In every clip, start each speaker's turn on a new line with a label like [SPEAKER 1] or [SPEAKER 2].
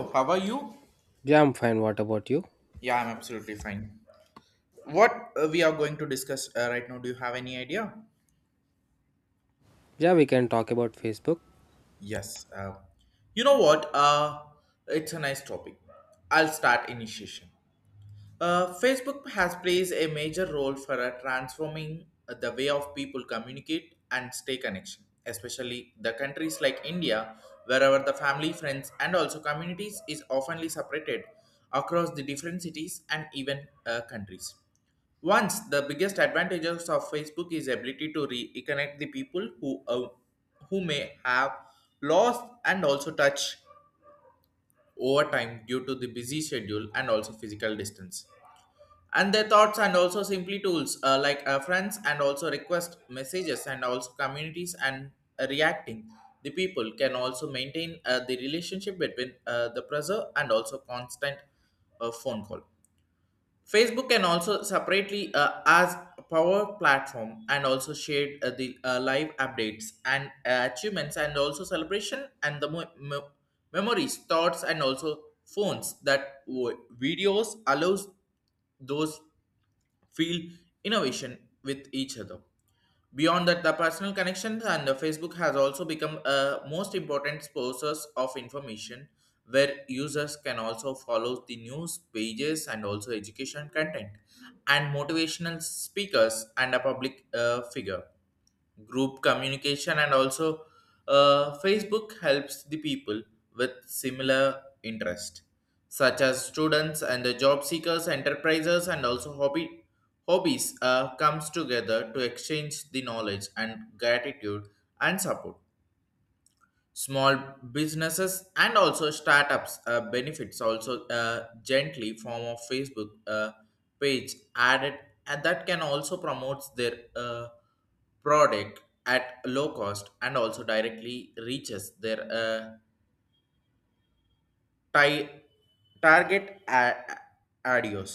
[SPEAKER 1] So, how are you?
[SPEAKER 2] Yeah, I'm fine. What about you?
[SPEAKER 1] Yeah, I'm absolutely fine. What, we are going to discuss right now, do you have any idea?
[SPEAKER 2] Yeah, we can talk about Facebook.
[SPEAKER 1] Yes. You know what? It's a nice topic. I'll start initiation. Facebook has plays a major role for transforming the way of people communicate and stay connection, especially the countries like India, wherever the family, friends, and also communities is oftenly separated across the different cities and even countries. Once the biggest advantages of Facebook is ability to reconnect the people who may have lost and also touch over time due to the busy schedule and also physical distance and their thoughts and also simply tools like friends and also request messages and also communities and reacting the people can also maintain the relationship between the preserve and also constant phone call. Facebook can also separately as a power platform and also shared the live updates and achievements and also celebration and the memories thoughts and also phones that videos allows those feel innovation with each other. Beyond that, the personal connections and the Facebook has also become a most important sources of information where users can also follow the news pages and also education content and motivational speakers and a public figure group communication and also Facebook helps the people with similar interest such as students and the job seekers enterprises and also hobby hobbies comes together to exchange the knowledge and gratitude and support small businesses and also startups benefits also gently form of Facebook page added and that can also promotes their product at low cost and also directly reaches their ti- target audience.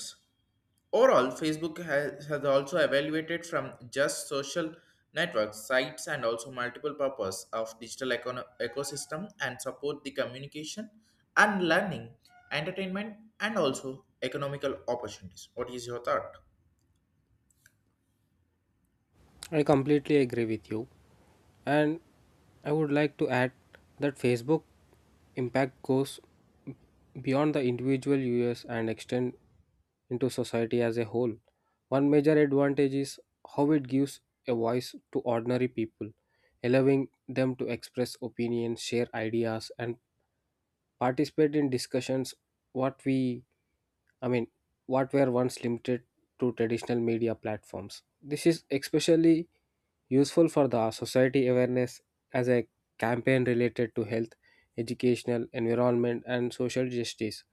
[SPEAKER 1] Overall, Facebook has also evaluated from just social networks, sites, and also multiple purpose of digital ecosystem and support the communication and learning, entertainment, and also economical opportunities. What is your thought?
[SPEAKER 2] I completely agree with you. And I would like to add that Facebook impact goes beyond the individual users and extend into society as a whole. One major advantage is how it gives a voice to ordinary people, allowing them to express opinions, share ideas, and participate in discussions what we I mean, what were once limited to traditional media platforms. This is especially useful for the society awareness as a campaign related to health, educational, environment, and social justice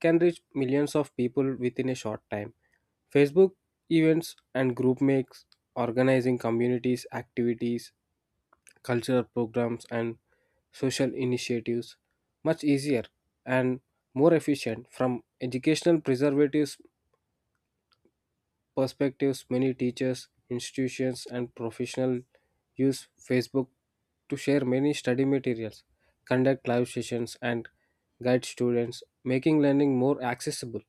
[SPEAKER 2] can reach millions of people within a short time. Facebook events and group makes, organizing communities, activities, cultural programs, and social initiatives much easier and more efficient from educational preservatives perspectives, many teachers, institutions, and professionals use Facebook to share many study materials, conduct live sessions, and guide students, making learning more accessible.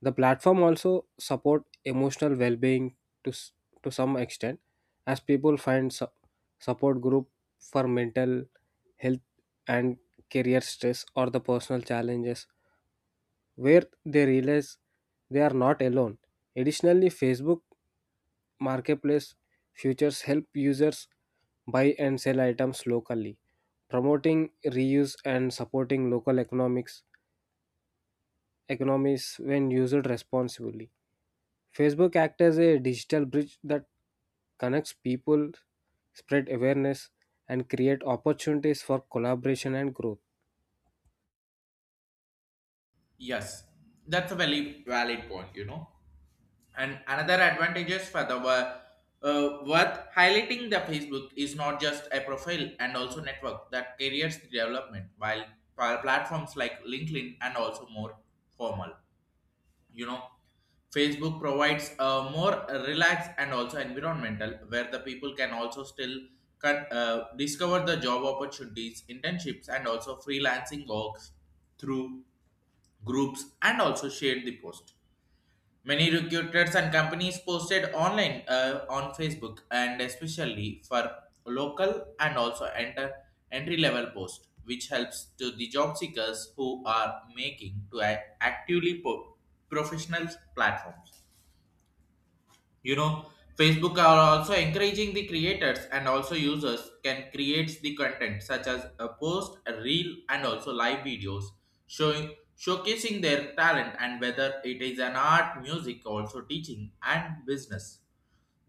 [SPEAKER 2] The platform also support emotional well-being to, to some extent, as people find support group for mental health and career stress or the personal challenges where they realize they are not alone. Additionally, Facebook Marketplace features help users buy and sell items locally, promoting reuse and supporting local economics economies when used responsibly. Facebook acts as a digital bridge that connects people, spread awareness, and create opportunities for collaboration and growth.
[SPEAKER 1] Yes, that's a very valid point. And another advantages for the worth highlighting the Facebook is not just a profile and also network that carries the development, while platforms like LinkedIn and also more formal. You know, Facebook provides a more relaxed and also environmental where the people can also still discover the job opportunities, internships, and also freelancing works through groups and also share the post. Many recruiters and companies posted online on Facebook and especially for local and also enter entry level post, which helps to the job seekers who are making to actively professional platforms. you know Facebook are also encouraging the creators and also users can create the content such as a post a reel and also live videos showing showcasing their talent and whether it is an art music also teaching and business.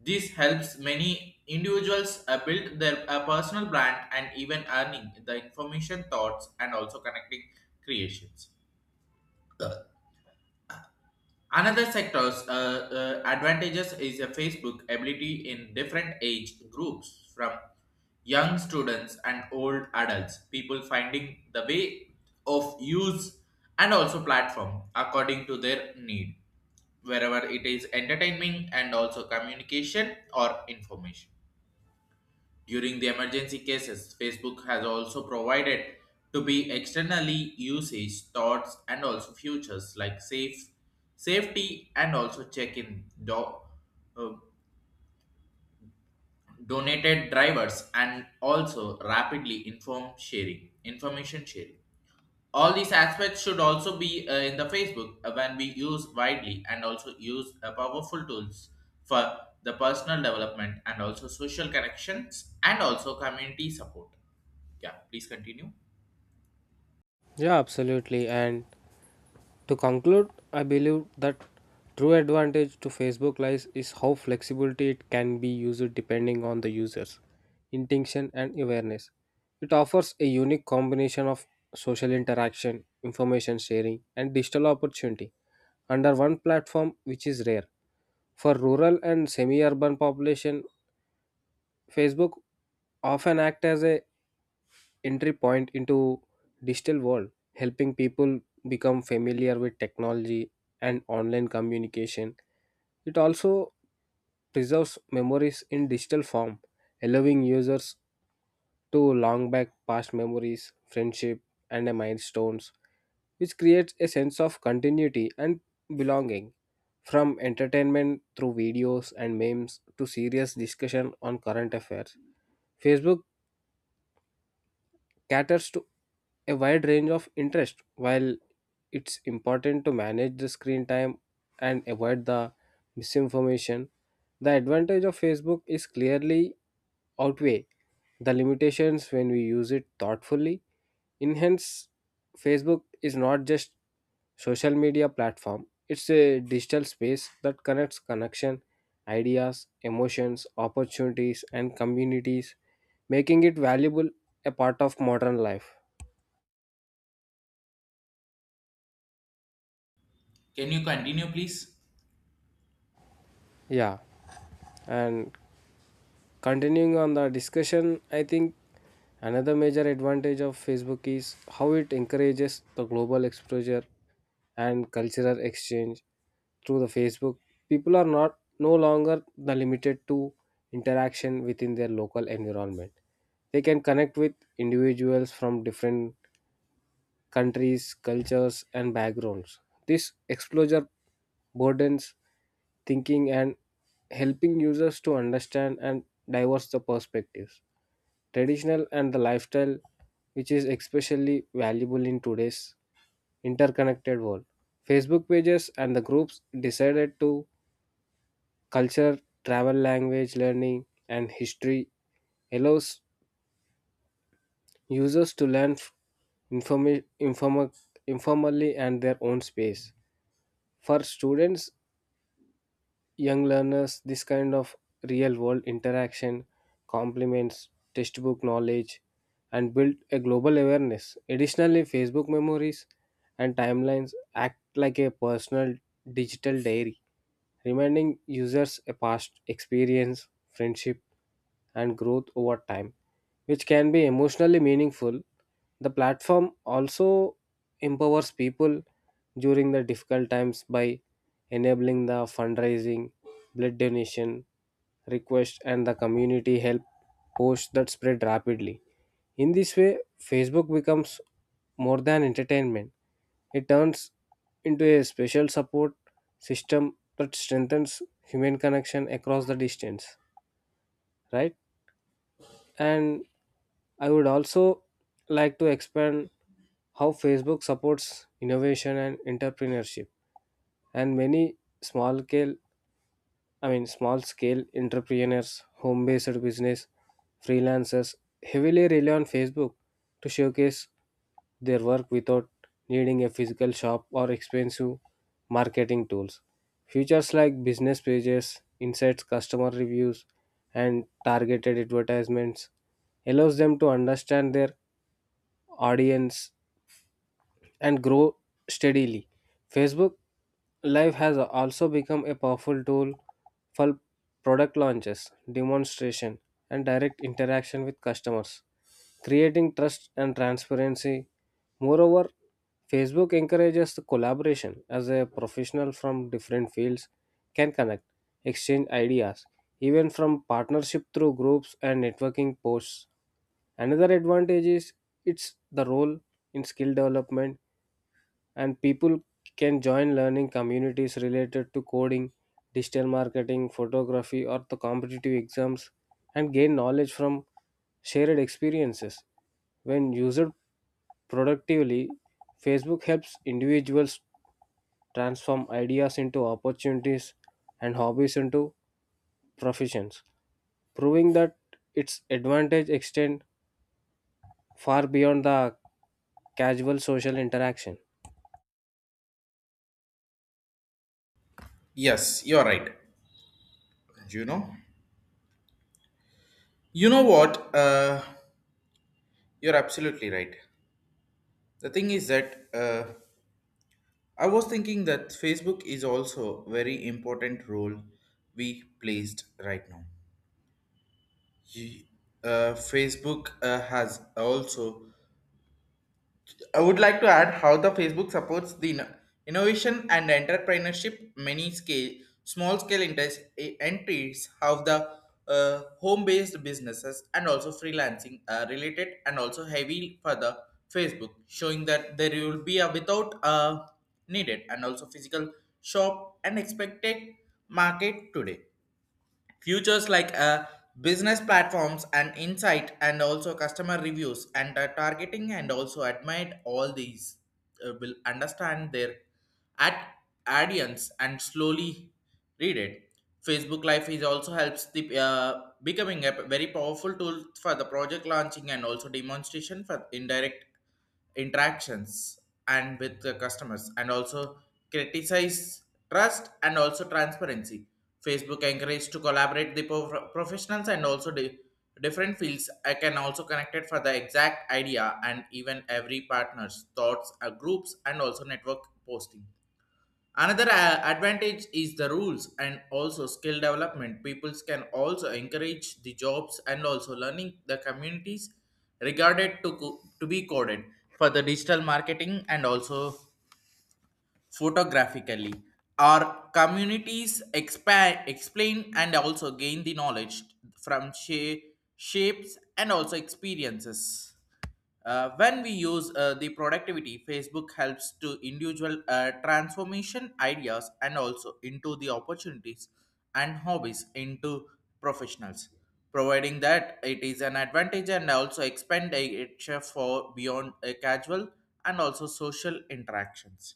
[SPEAKER 1] This helps many individuals build their a personal brand and even earning the information thoughts and also connecting creations. Another sector's advantages is a Facebook ability in different age groups from young students and old adults, people finding the way of use and also platform according to their need, wherever it is entertaining and also communication or information. During the emergency cases, Facebook has also provided to be externally usage, thoughts, and also futures like safety and also check-in uh, donated drivers and also rapidly inform sharing information sharing. All these aspects should also be in the Facebook when we use widely and also use powerful tools for the personal development and also social connections and also community support. Yeah, please continue.
[SPEAKER 2] Yeah, absolutely. And to conclude, I believe that true advantage to Facebook Live is how flexibility it can be used depending on the user's intention and awareness. It offers a unique combination of social interaction, information sharing, and digital opportunity under one platform, which is rare. For rural and semi-urban population, Facebook often act as a entry point into digital world, helping people become familiar with technology and online communication. It also preserves memories in digital form, allowing users to long back past memories, friendship, and milestones, which creates a sense of continuity and belonging. From entertainment through videos and memes to serious discussion on current affairs, Facebook caters to a wide range of interest. While it's important to manage the screen time and avoid the misinformation, the advantage of Facebook is clearly outweigh the limitations when we use it thoughtfully. In hence, Facebook is not just social media platform, it's a digital space that connects connection ideas, emotions, opportunities, and communities, making it valuable a part of modern life.
[SPEAKER 1] Can you continue, please?
[SPEAKER 2] Yeah, and continuing on the discussion, I think another major advantage of Facebook is how it encourages the global exposure and cultural exchange through the Facebook. People are not no longer the limited to interaction within their local environment. They can connect with individuals from different countries, cultures, and backgrounds. This exposure broadens thinking and helping users to understand and diverse the perspectives. Traditional and the lifestyle, which is especially valuable in today's interconnected world. Facebook pages and the groups decided to culture, travel, language, learning, and history allows users to learn informa- informa- informally and their own space. For students, young learners, this kind of real world interaction complements textbook knowledge and build a global awareness. Additionally, Facebook memories and timelines act like a personal digital diary, reminding users a past experience, friendship, and growth over time, which can be emotionally meaningful. The platform also empowers people during the difficult times by enabling the fundraising, blood donation request, and the community help posts that spread rapidly. In this way, Facebook becomes more than entertainment. It turns into a special support system that strengthens human connection across the distance, right? And I would also like to expand how Facebook supports innovation and entrepreneurship. And many small scale small scale entrepreneurs, home based business, freelancers heavily rely on Facebook to showcase their work without needing a physical shop or expensive marketing tools. Features like business pages, insights, customer reviews, and targeted advertisements allows them to understand their audience and grow steadily. Facebook Live has also become a powerful tool for product launches, demonstration, and direct interaction with customers, creating trust and transparency. Moreover, Facebook encourages the collaboration as a professional from different fields can connect, exchange ideas, even from partnership through groups and networking posts. Another advantage is it's the role in skill development and people can join learning communities related to coding, digital marketing, photography, or the competitive exams and gain knowledge from shared experiences. When used productively, Facebook helps individuals transform ideas into opportunities and hobbies into professions, proving that its advantage extend far beyond the casual social interaction.
[SPEAKER 1] Yes, you're right. You know, you know what? You're absolutely right. The thing is that I was thinking that Facebook is also very important role we placed right now. Ye- Facebook has also. I would like to add how the Facebook supports the innovation and entrepreneurship many scale small scale entries have the home based businesses and also freelancing related and also heavy for the Facebook showing that there will be a without needed and also physical shop and expected market today. Futures like business platforms and insight and also customer reviews and targeting and also admit all these will understand their at audience and slowly read it. Facebook Live is also helps the becoming a very powerful tool for the project launching and also demonstration for indirect interactions and with the customers and also criticize trust and also transparency. Facebook encouraged to collaborate the professionals and also the different fields I can also connect it for the exact idea and even every partner's thoughts groups and also network posting. Another advantage is the rules and also skill development. Peoples can also encourage the jobs and also learning the communities regarded to to be coded for the digital marketing and also photographically. Our communities expa explain and also gain the knowledge from shapes and also experiences. When we use the productivity, Facebook helps to individual transformation ideas and also into the opportunities and hobbies into professionals, providing that it is an advantage and also expand expenditure for beyond a casual and also social interactions.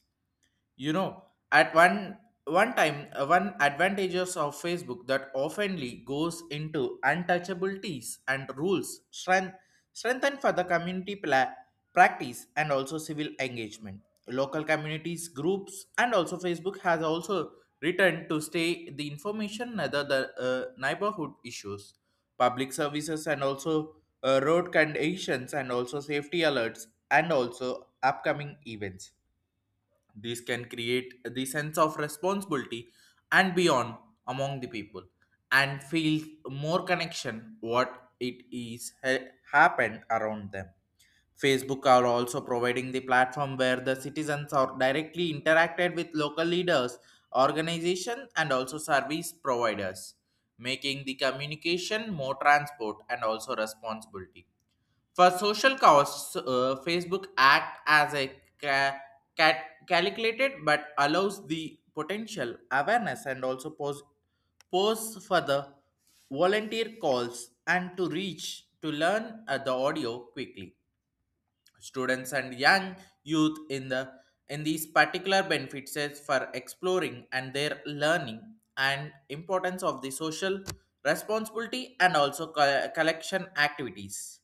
[SPEAKER 1] You know, at one time, one advantages of Facebook that oftenly goes into untouchabilities and rules strengthen for the community practice and also civil engagement. Local communities, groups, and also Facebook has also returned to stay the information rather the neighborhood issues, public services, and also road conditions, and also safety alerts, and also upcoming events. This can create the sense of responsibility and beyond among the people and feel more connection what it is happened around them. Facebook are also providing the platform where the citizens are directly interacted with local leaders, organizations and also service providers, making the communication more transport and also responsibility for social costs, Facebook act as a ca- cat calculated but allows the potential awareness and also pose for the volunteer calls and to reach to learn the audio quickly students and young youth in these particular benefits is for exploring and their learning and importance of the social responsibility and also collection activities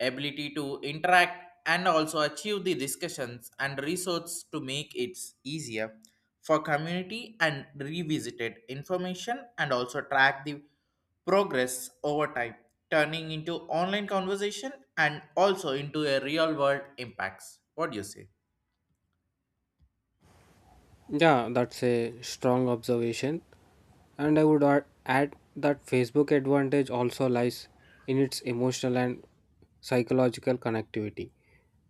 [SPEAKER 1] ability to interact and also achieve the discussions and resource to make it easier for community and revisited information and also track the progress over time turning into online conversation and also into a real world impacts. What do you say?
[SPEAKER 2] Yeah, that's a strong observation. And I would add that Facebook advantage also lies in its emotional and psychological connectivity.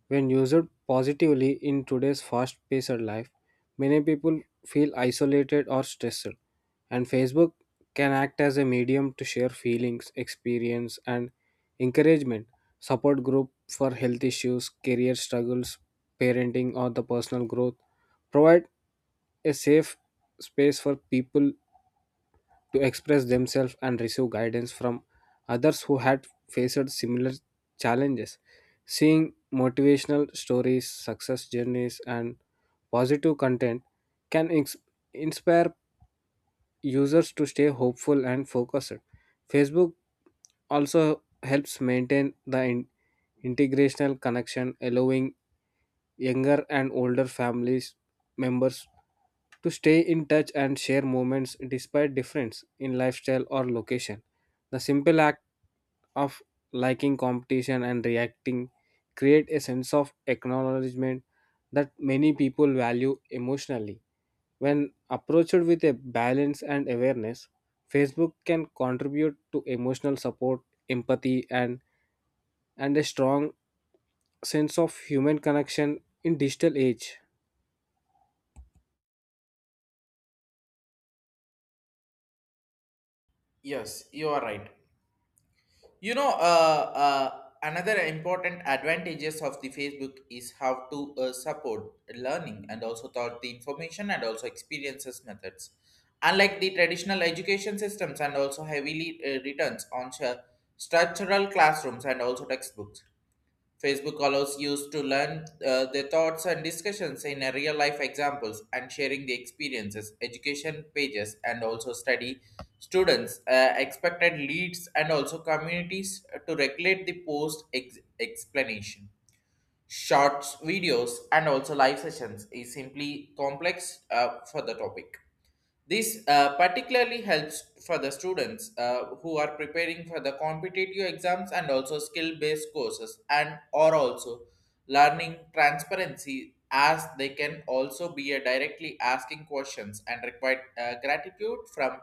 [SPEAKER 2] When used positively in today's fast paced life, many people feel isolated or stressed, and Facebook can act as a medium to share feelings, experience, and encouragement. Support group for health issues, career struggles, parenting, or the personal growth provide a safe space for people to express themselves and receive guidance from others who had faced similar challenges. Seeing motivational stories, success journeys, and positive content can inspire users to stay hopeful and focused. Facebook also helps maintain the integrational connection, allowing younger and older families members to stay in touch and share moments despite difference in lifestyle or location. The simple act of liking competition and reacting create a sense of acknowledgement that many people value emotionally. When approached with a balance and awareness, Facebook can contribute to emotional support, empathy and a strong sense of human connection in digital age.
[SPEAKER 1] Yes, you are right. You know, uh, Another important advantages of the Facebook is how to support learning and also thought the information and also experiences methods. Unlike the traditional education systems and also heavily returns on structural classrooms and also textbooks, Facebook allows users to learn their thoughts and discussions in a real life examples and sharing the experiences, education pages, and also study students, expected leads, and also communities to regulate the post explanation. Shorts, videos, and also live sessions is simply complex for the topic. This particularly helps for the students who are preparing for the competitive exams and also skill-based courses and are also learning transparency as they can also be a directly asking questions and require gratitude from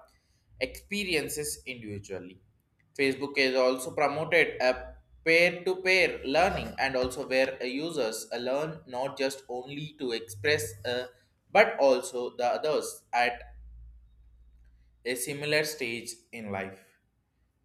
[SPEAKER 1] experiences individually. Facebook has also promoted a peer-to-peer learning and also where users learn not just only to express but also the others at a similar stage in life.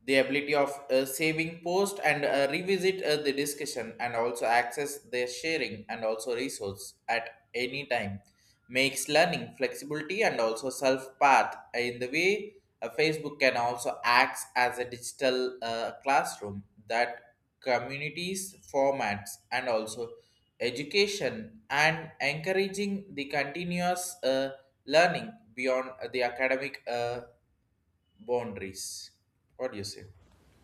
[SPEAKER 1] The ability of saving post and revisit the discussion and also access their sharing and also resource at any time makes learning flexibility and also self path in the way. Facebook can also act as a digital classroom that communities formats and also education and encouraging the continuous learning beyond the academic boundaries. What do you say?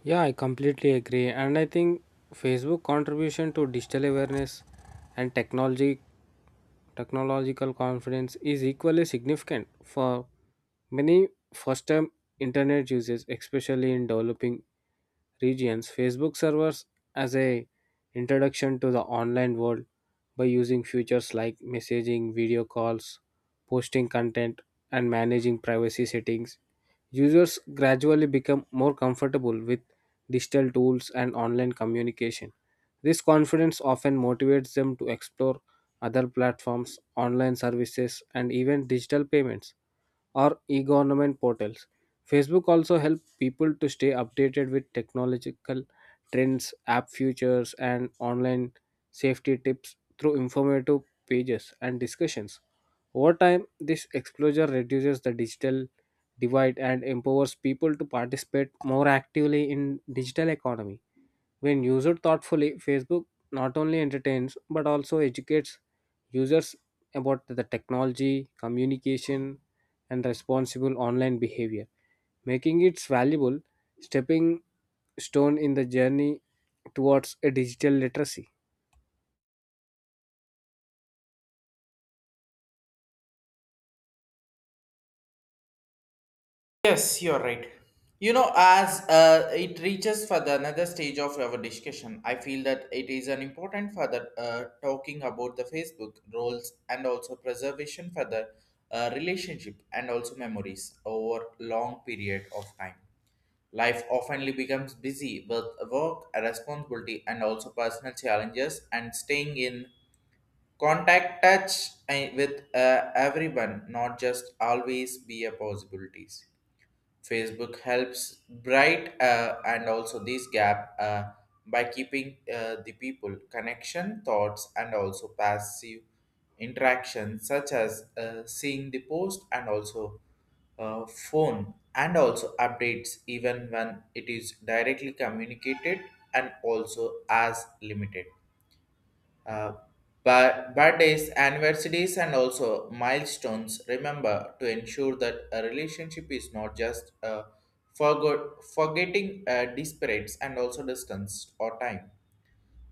[SPEAKER 2] Yeah, I completely agree. And I think Facebook contribution to digital awareness and technology technological confidence is equally significant for many first time internet users, especially in developing regions. Facebook servers as a introduction to the online world by using features like messaging, video calls, posting content, and managing privacy settings. Users gradually become more comfortable with digital tools and online communication. This confidence often motivates them to explore other platforms, online services, and even digital payments or e-government portals. Facebook also helps people to stay updated with technological trends, app features, and online safety tips through informative pages and discussions. Over time, this exposure reduces the digital divide and empowers people to participate more actively in digital economy. When used thoughtfully, Facebook not only entertains but also educates users about the technology, communication, and responsible online behavior, making it valuable stepping stone in the journey towards a digital literacy.
[SPEAKER 1] Yes, you're right. As it reaches for the another stage of our discussion, I feel that it is an important for the talking about the Facebook roles and also preservation for the relationship and also memories over long period of time. Life often becomes busy with work, responsibility, and also personal challenges, and staying in Contact touch with everyone, not just always be a possibilities. Facebook helps bright and also this gap by keeping the people connection, thoughts, and also passive interaction, such as seeing the post and also phone and also updates even when it is directly communicated and also as limited uh, but birthdays, anniversaries, and also milestones. Remember to ensure that a relationship is not just forgetting disparates and also distance or time.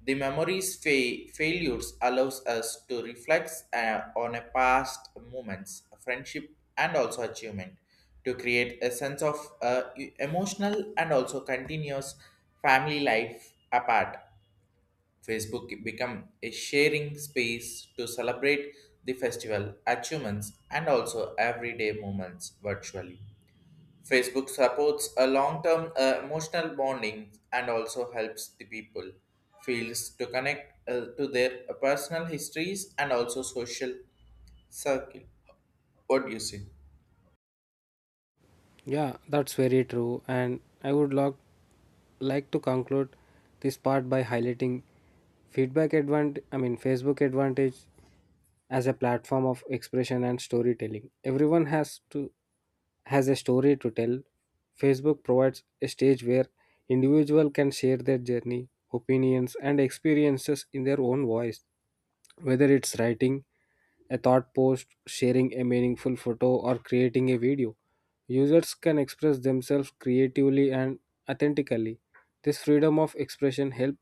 [SPEAKER 1] The memories failures allows us to reflect on a past moments, friendship, and also achievement to create a sense of emotional and also continuous family life apart. Facebook become a sharing space to celebrate the festival achievements and also everyday moments virtually. Facebook supports a long-term emotional bonding and also helps the people feels to connect to their personal histories and also social circle. What do you say?
[SPEAKER 2] Yeah, that's very true, and I would love like to conclude this part by highlighting feedback advantage, I mean, Facebook advantage as a platform of expression and storytelling. Everyone has a story to tell. Facebook provides a stage where individual can share their journey, opinions, and experiences in their own voice. Whether it's writing a thought post, sharing a meaningful photo, or creating a video, users can express themselves creatively and authentically. This freedom of expression helps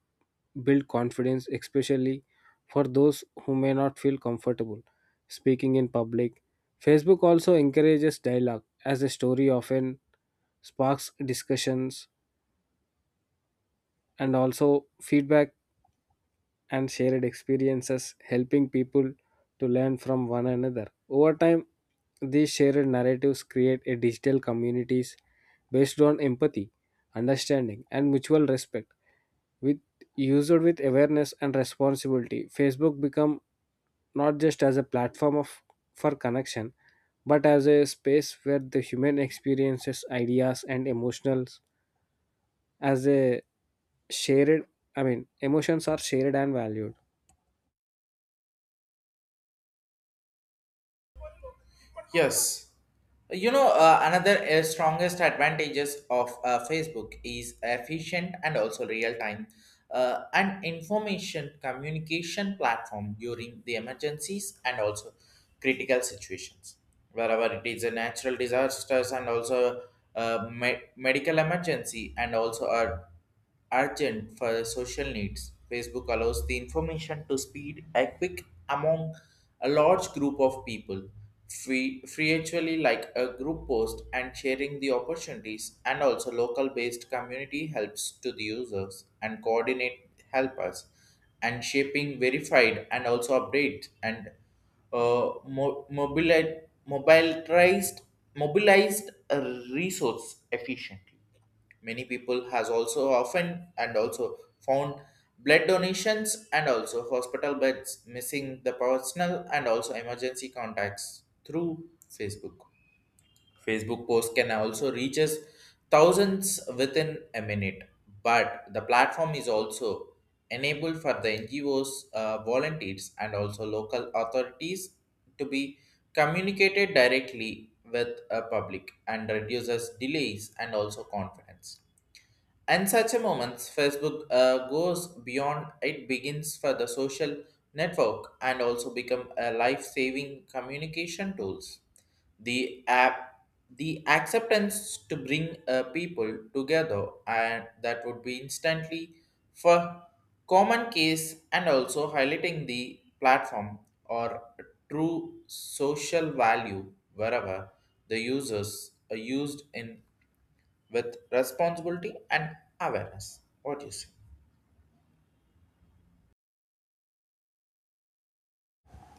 [SPEAKER 2] build confidence, especially for those who may not feel comfortable speaking in public. Facebook also encourages dialogue, as a story often sparks discussions and also feedback and shared experiences, helping people to learn from one another. Over time, these shared narratives create a digital communities based on empathy, understanding, and mutual respect. With used with awareness and responsibility, Facebook become not just as a platform of for connection, but as a space where the human experiences, ideas, and emotionals as a shared I mean emotions are shared and valued.
[SPEAKER 1] Yes. You know, another strongest advantages of Facebook is efficient and also real time and information communication platform during the emergencies and also critical situations. Wherever it is a natural disasters and also medical emergency and also a urgent for social needs. Facebook allows the information to speed a quick among a large group of people. Free actually like a group post and sharing the opportunities and also local based community helps to the users and coordinate help us and shaping verified and also update and uh, mo- mobili- mobilized mobilized resource efficiently. Many people has also often and also found blood donations and also hospital beds missing the personal and also emergency contacts through Facebook. Facebook posts can also reach us thousands within a minute, but the platform is also enabled for the NGOs, volunteers, and also local authorities to be communicated directly with a public and reduces delays and also confidence. In such a moment, Facebook goes beyond. It begins for the social network and also become a life-saving communication tools. The app, the acceptance to bring people together, and that would be instantly for common case and also highlighting the platform or true social value wherever the users are used in with responsibility and awareness. What do you say?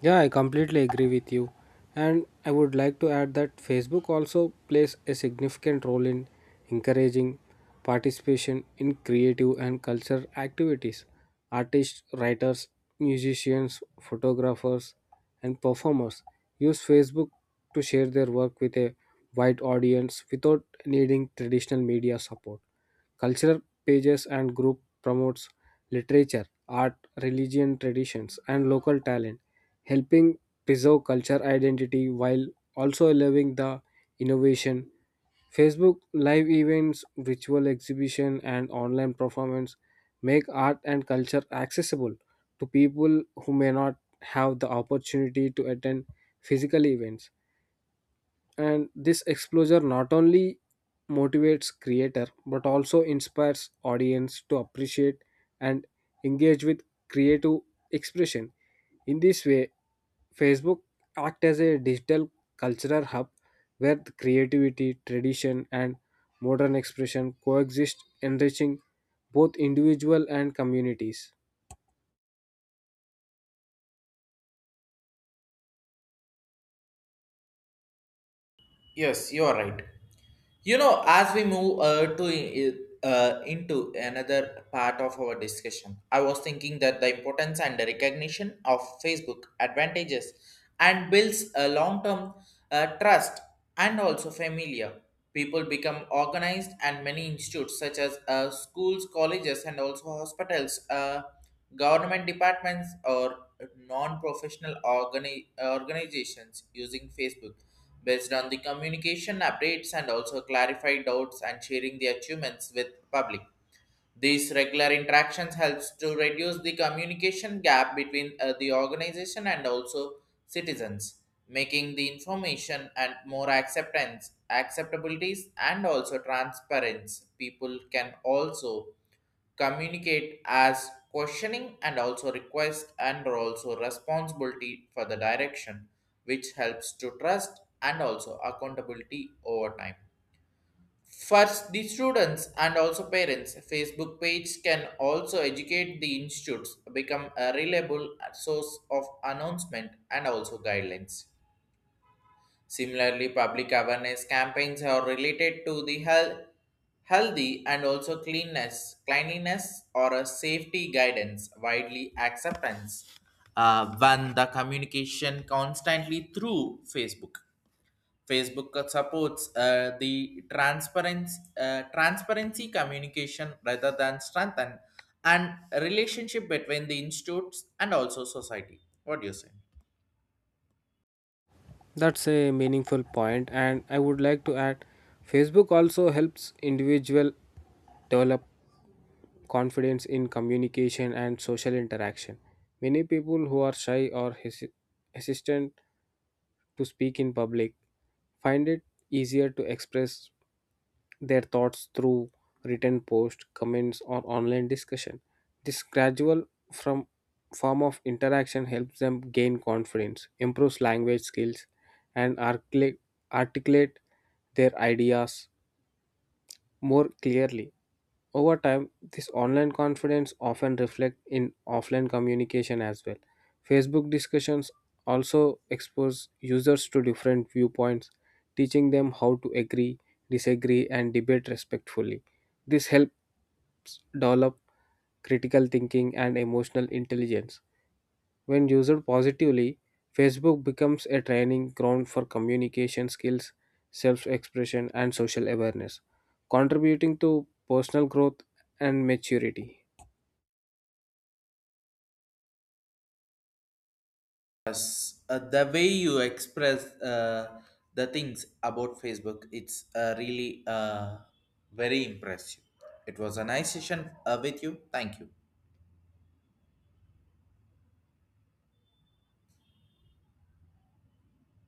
[SPEAKER 2] Yeah, I completely agree with you. And I would like to add that Facebook also plays a significant role in encouraging participation in creative and cultural activities. Artists, writers, musicians, photographers, and performers use Facebook to share their work with a wide audience without needing traditional media support. Cultural pages and group promotes literature, art, religion, traditions, and local talent, helping preserve culture identity while also allowing the innovation. Facebook live events, virtual exhibition, and online performance make art and culture accessible to people who may not have the opportunity to attend physical events, and this exposure not only motivates creator but also inspires audience to appreciate and engage with creative expression. In this way, Facebook act as a digital cultural hub where the creativity, tradition, and modern expression coexist, enriching both individual and communities.
[SPEAKER 1] Yes, you are right. You know, as we move to into another part of our discussion, I was thinking that the importance and the recognition of Facebook advantages and builds a long-term trust and also familiar. People become organized, and many institutes such as schools, colleges, and also hospitals, government departments, or non-professional organizations using Facebook based on the communication updates and also clarify doubts and sharing the achievements with public. These regular interactions helps to reduce the communication gap between the organization and also citizens, making the information and more acceptance, acceptabilities and also transparency. People can also communicate as questioning and also request and also responsibility for the direction which helps to trust and also accountability over time. First, the students and also parents Facebook page can also educate the institutes, become a reliable source of announcement and also guidelines. Similarly, public awareness campaigns are related to the health, healthy and also cleanness, cleanliness or a safety guidance widely acceptance when the communication constantly through Facebook. Facebook supports the transparency communication rather than strengthen and relationship between the institutes and also society. What do you say?
[SPEAKER 2] That's a meaningful point, and I would like to add Facebook also helps individual develop confidence in communication and social interaction. Many people who are shy or hesitant to speak in public find it easier to express their thoughts through written posts, comments, or online discussion. This gradual from form of interaction helps them gain confidence, improves language skills, and articulate their ideas more clearly. Over time, this online confidence often reflects in offline communication as well. Facebook discussions also expose users to different viewpoints, teaching them how to agree, disagree, and debate respectfully. This helps develop critical thinking and emotional intelligence. When used positively, Facebook becomes a training ground for communication skills, self expression, and social awareness, contributing to personal growth and maturity.
[SPEAKER 1] Yes, the way you express the things about Facebook, it's really very impressive. It was a nice session with you. Thank you.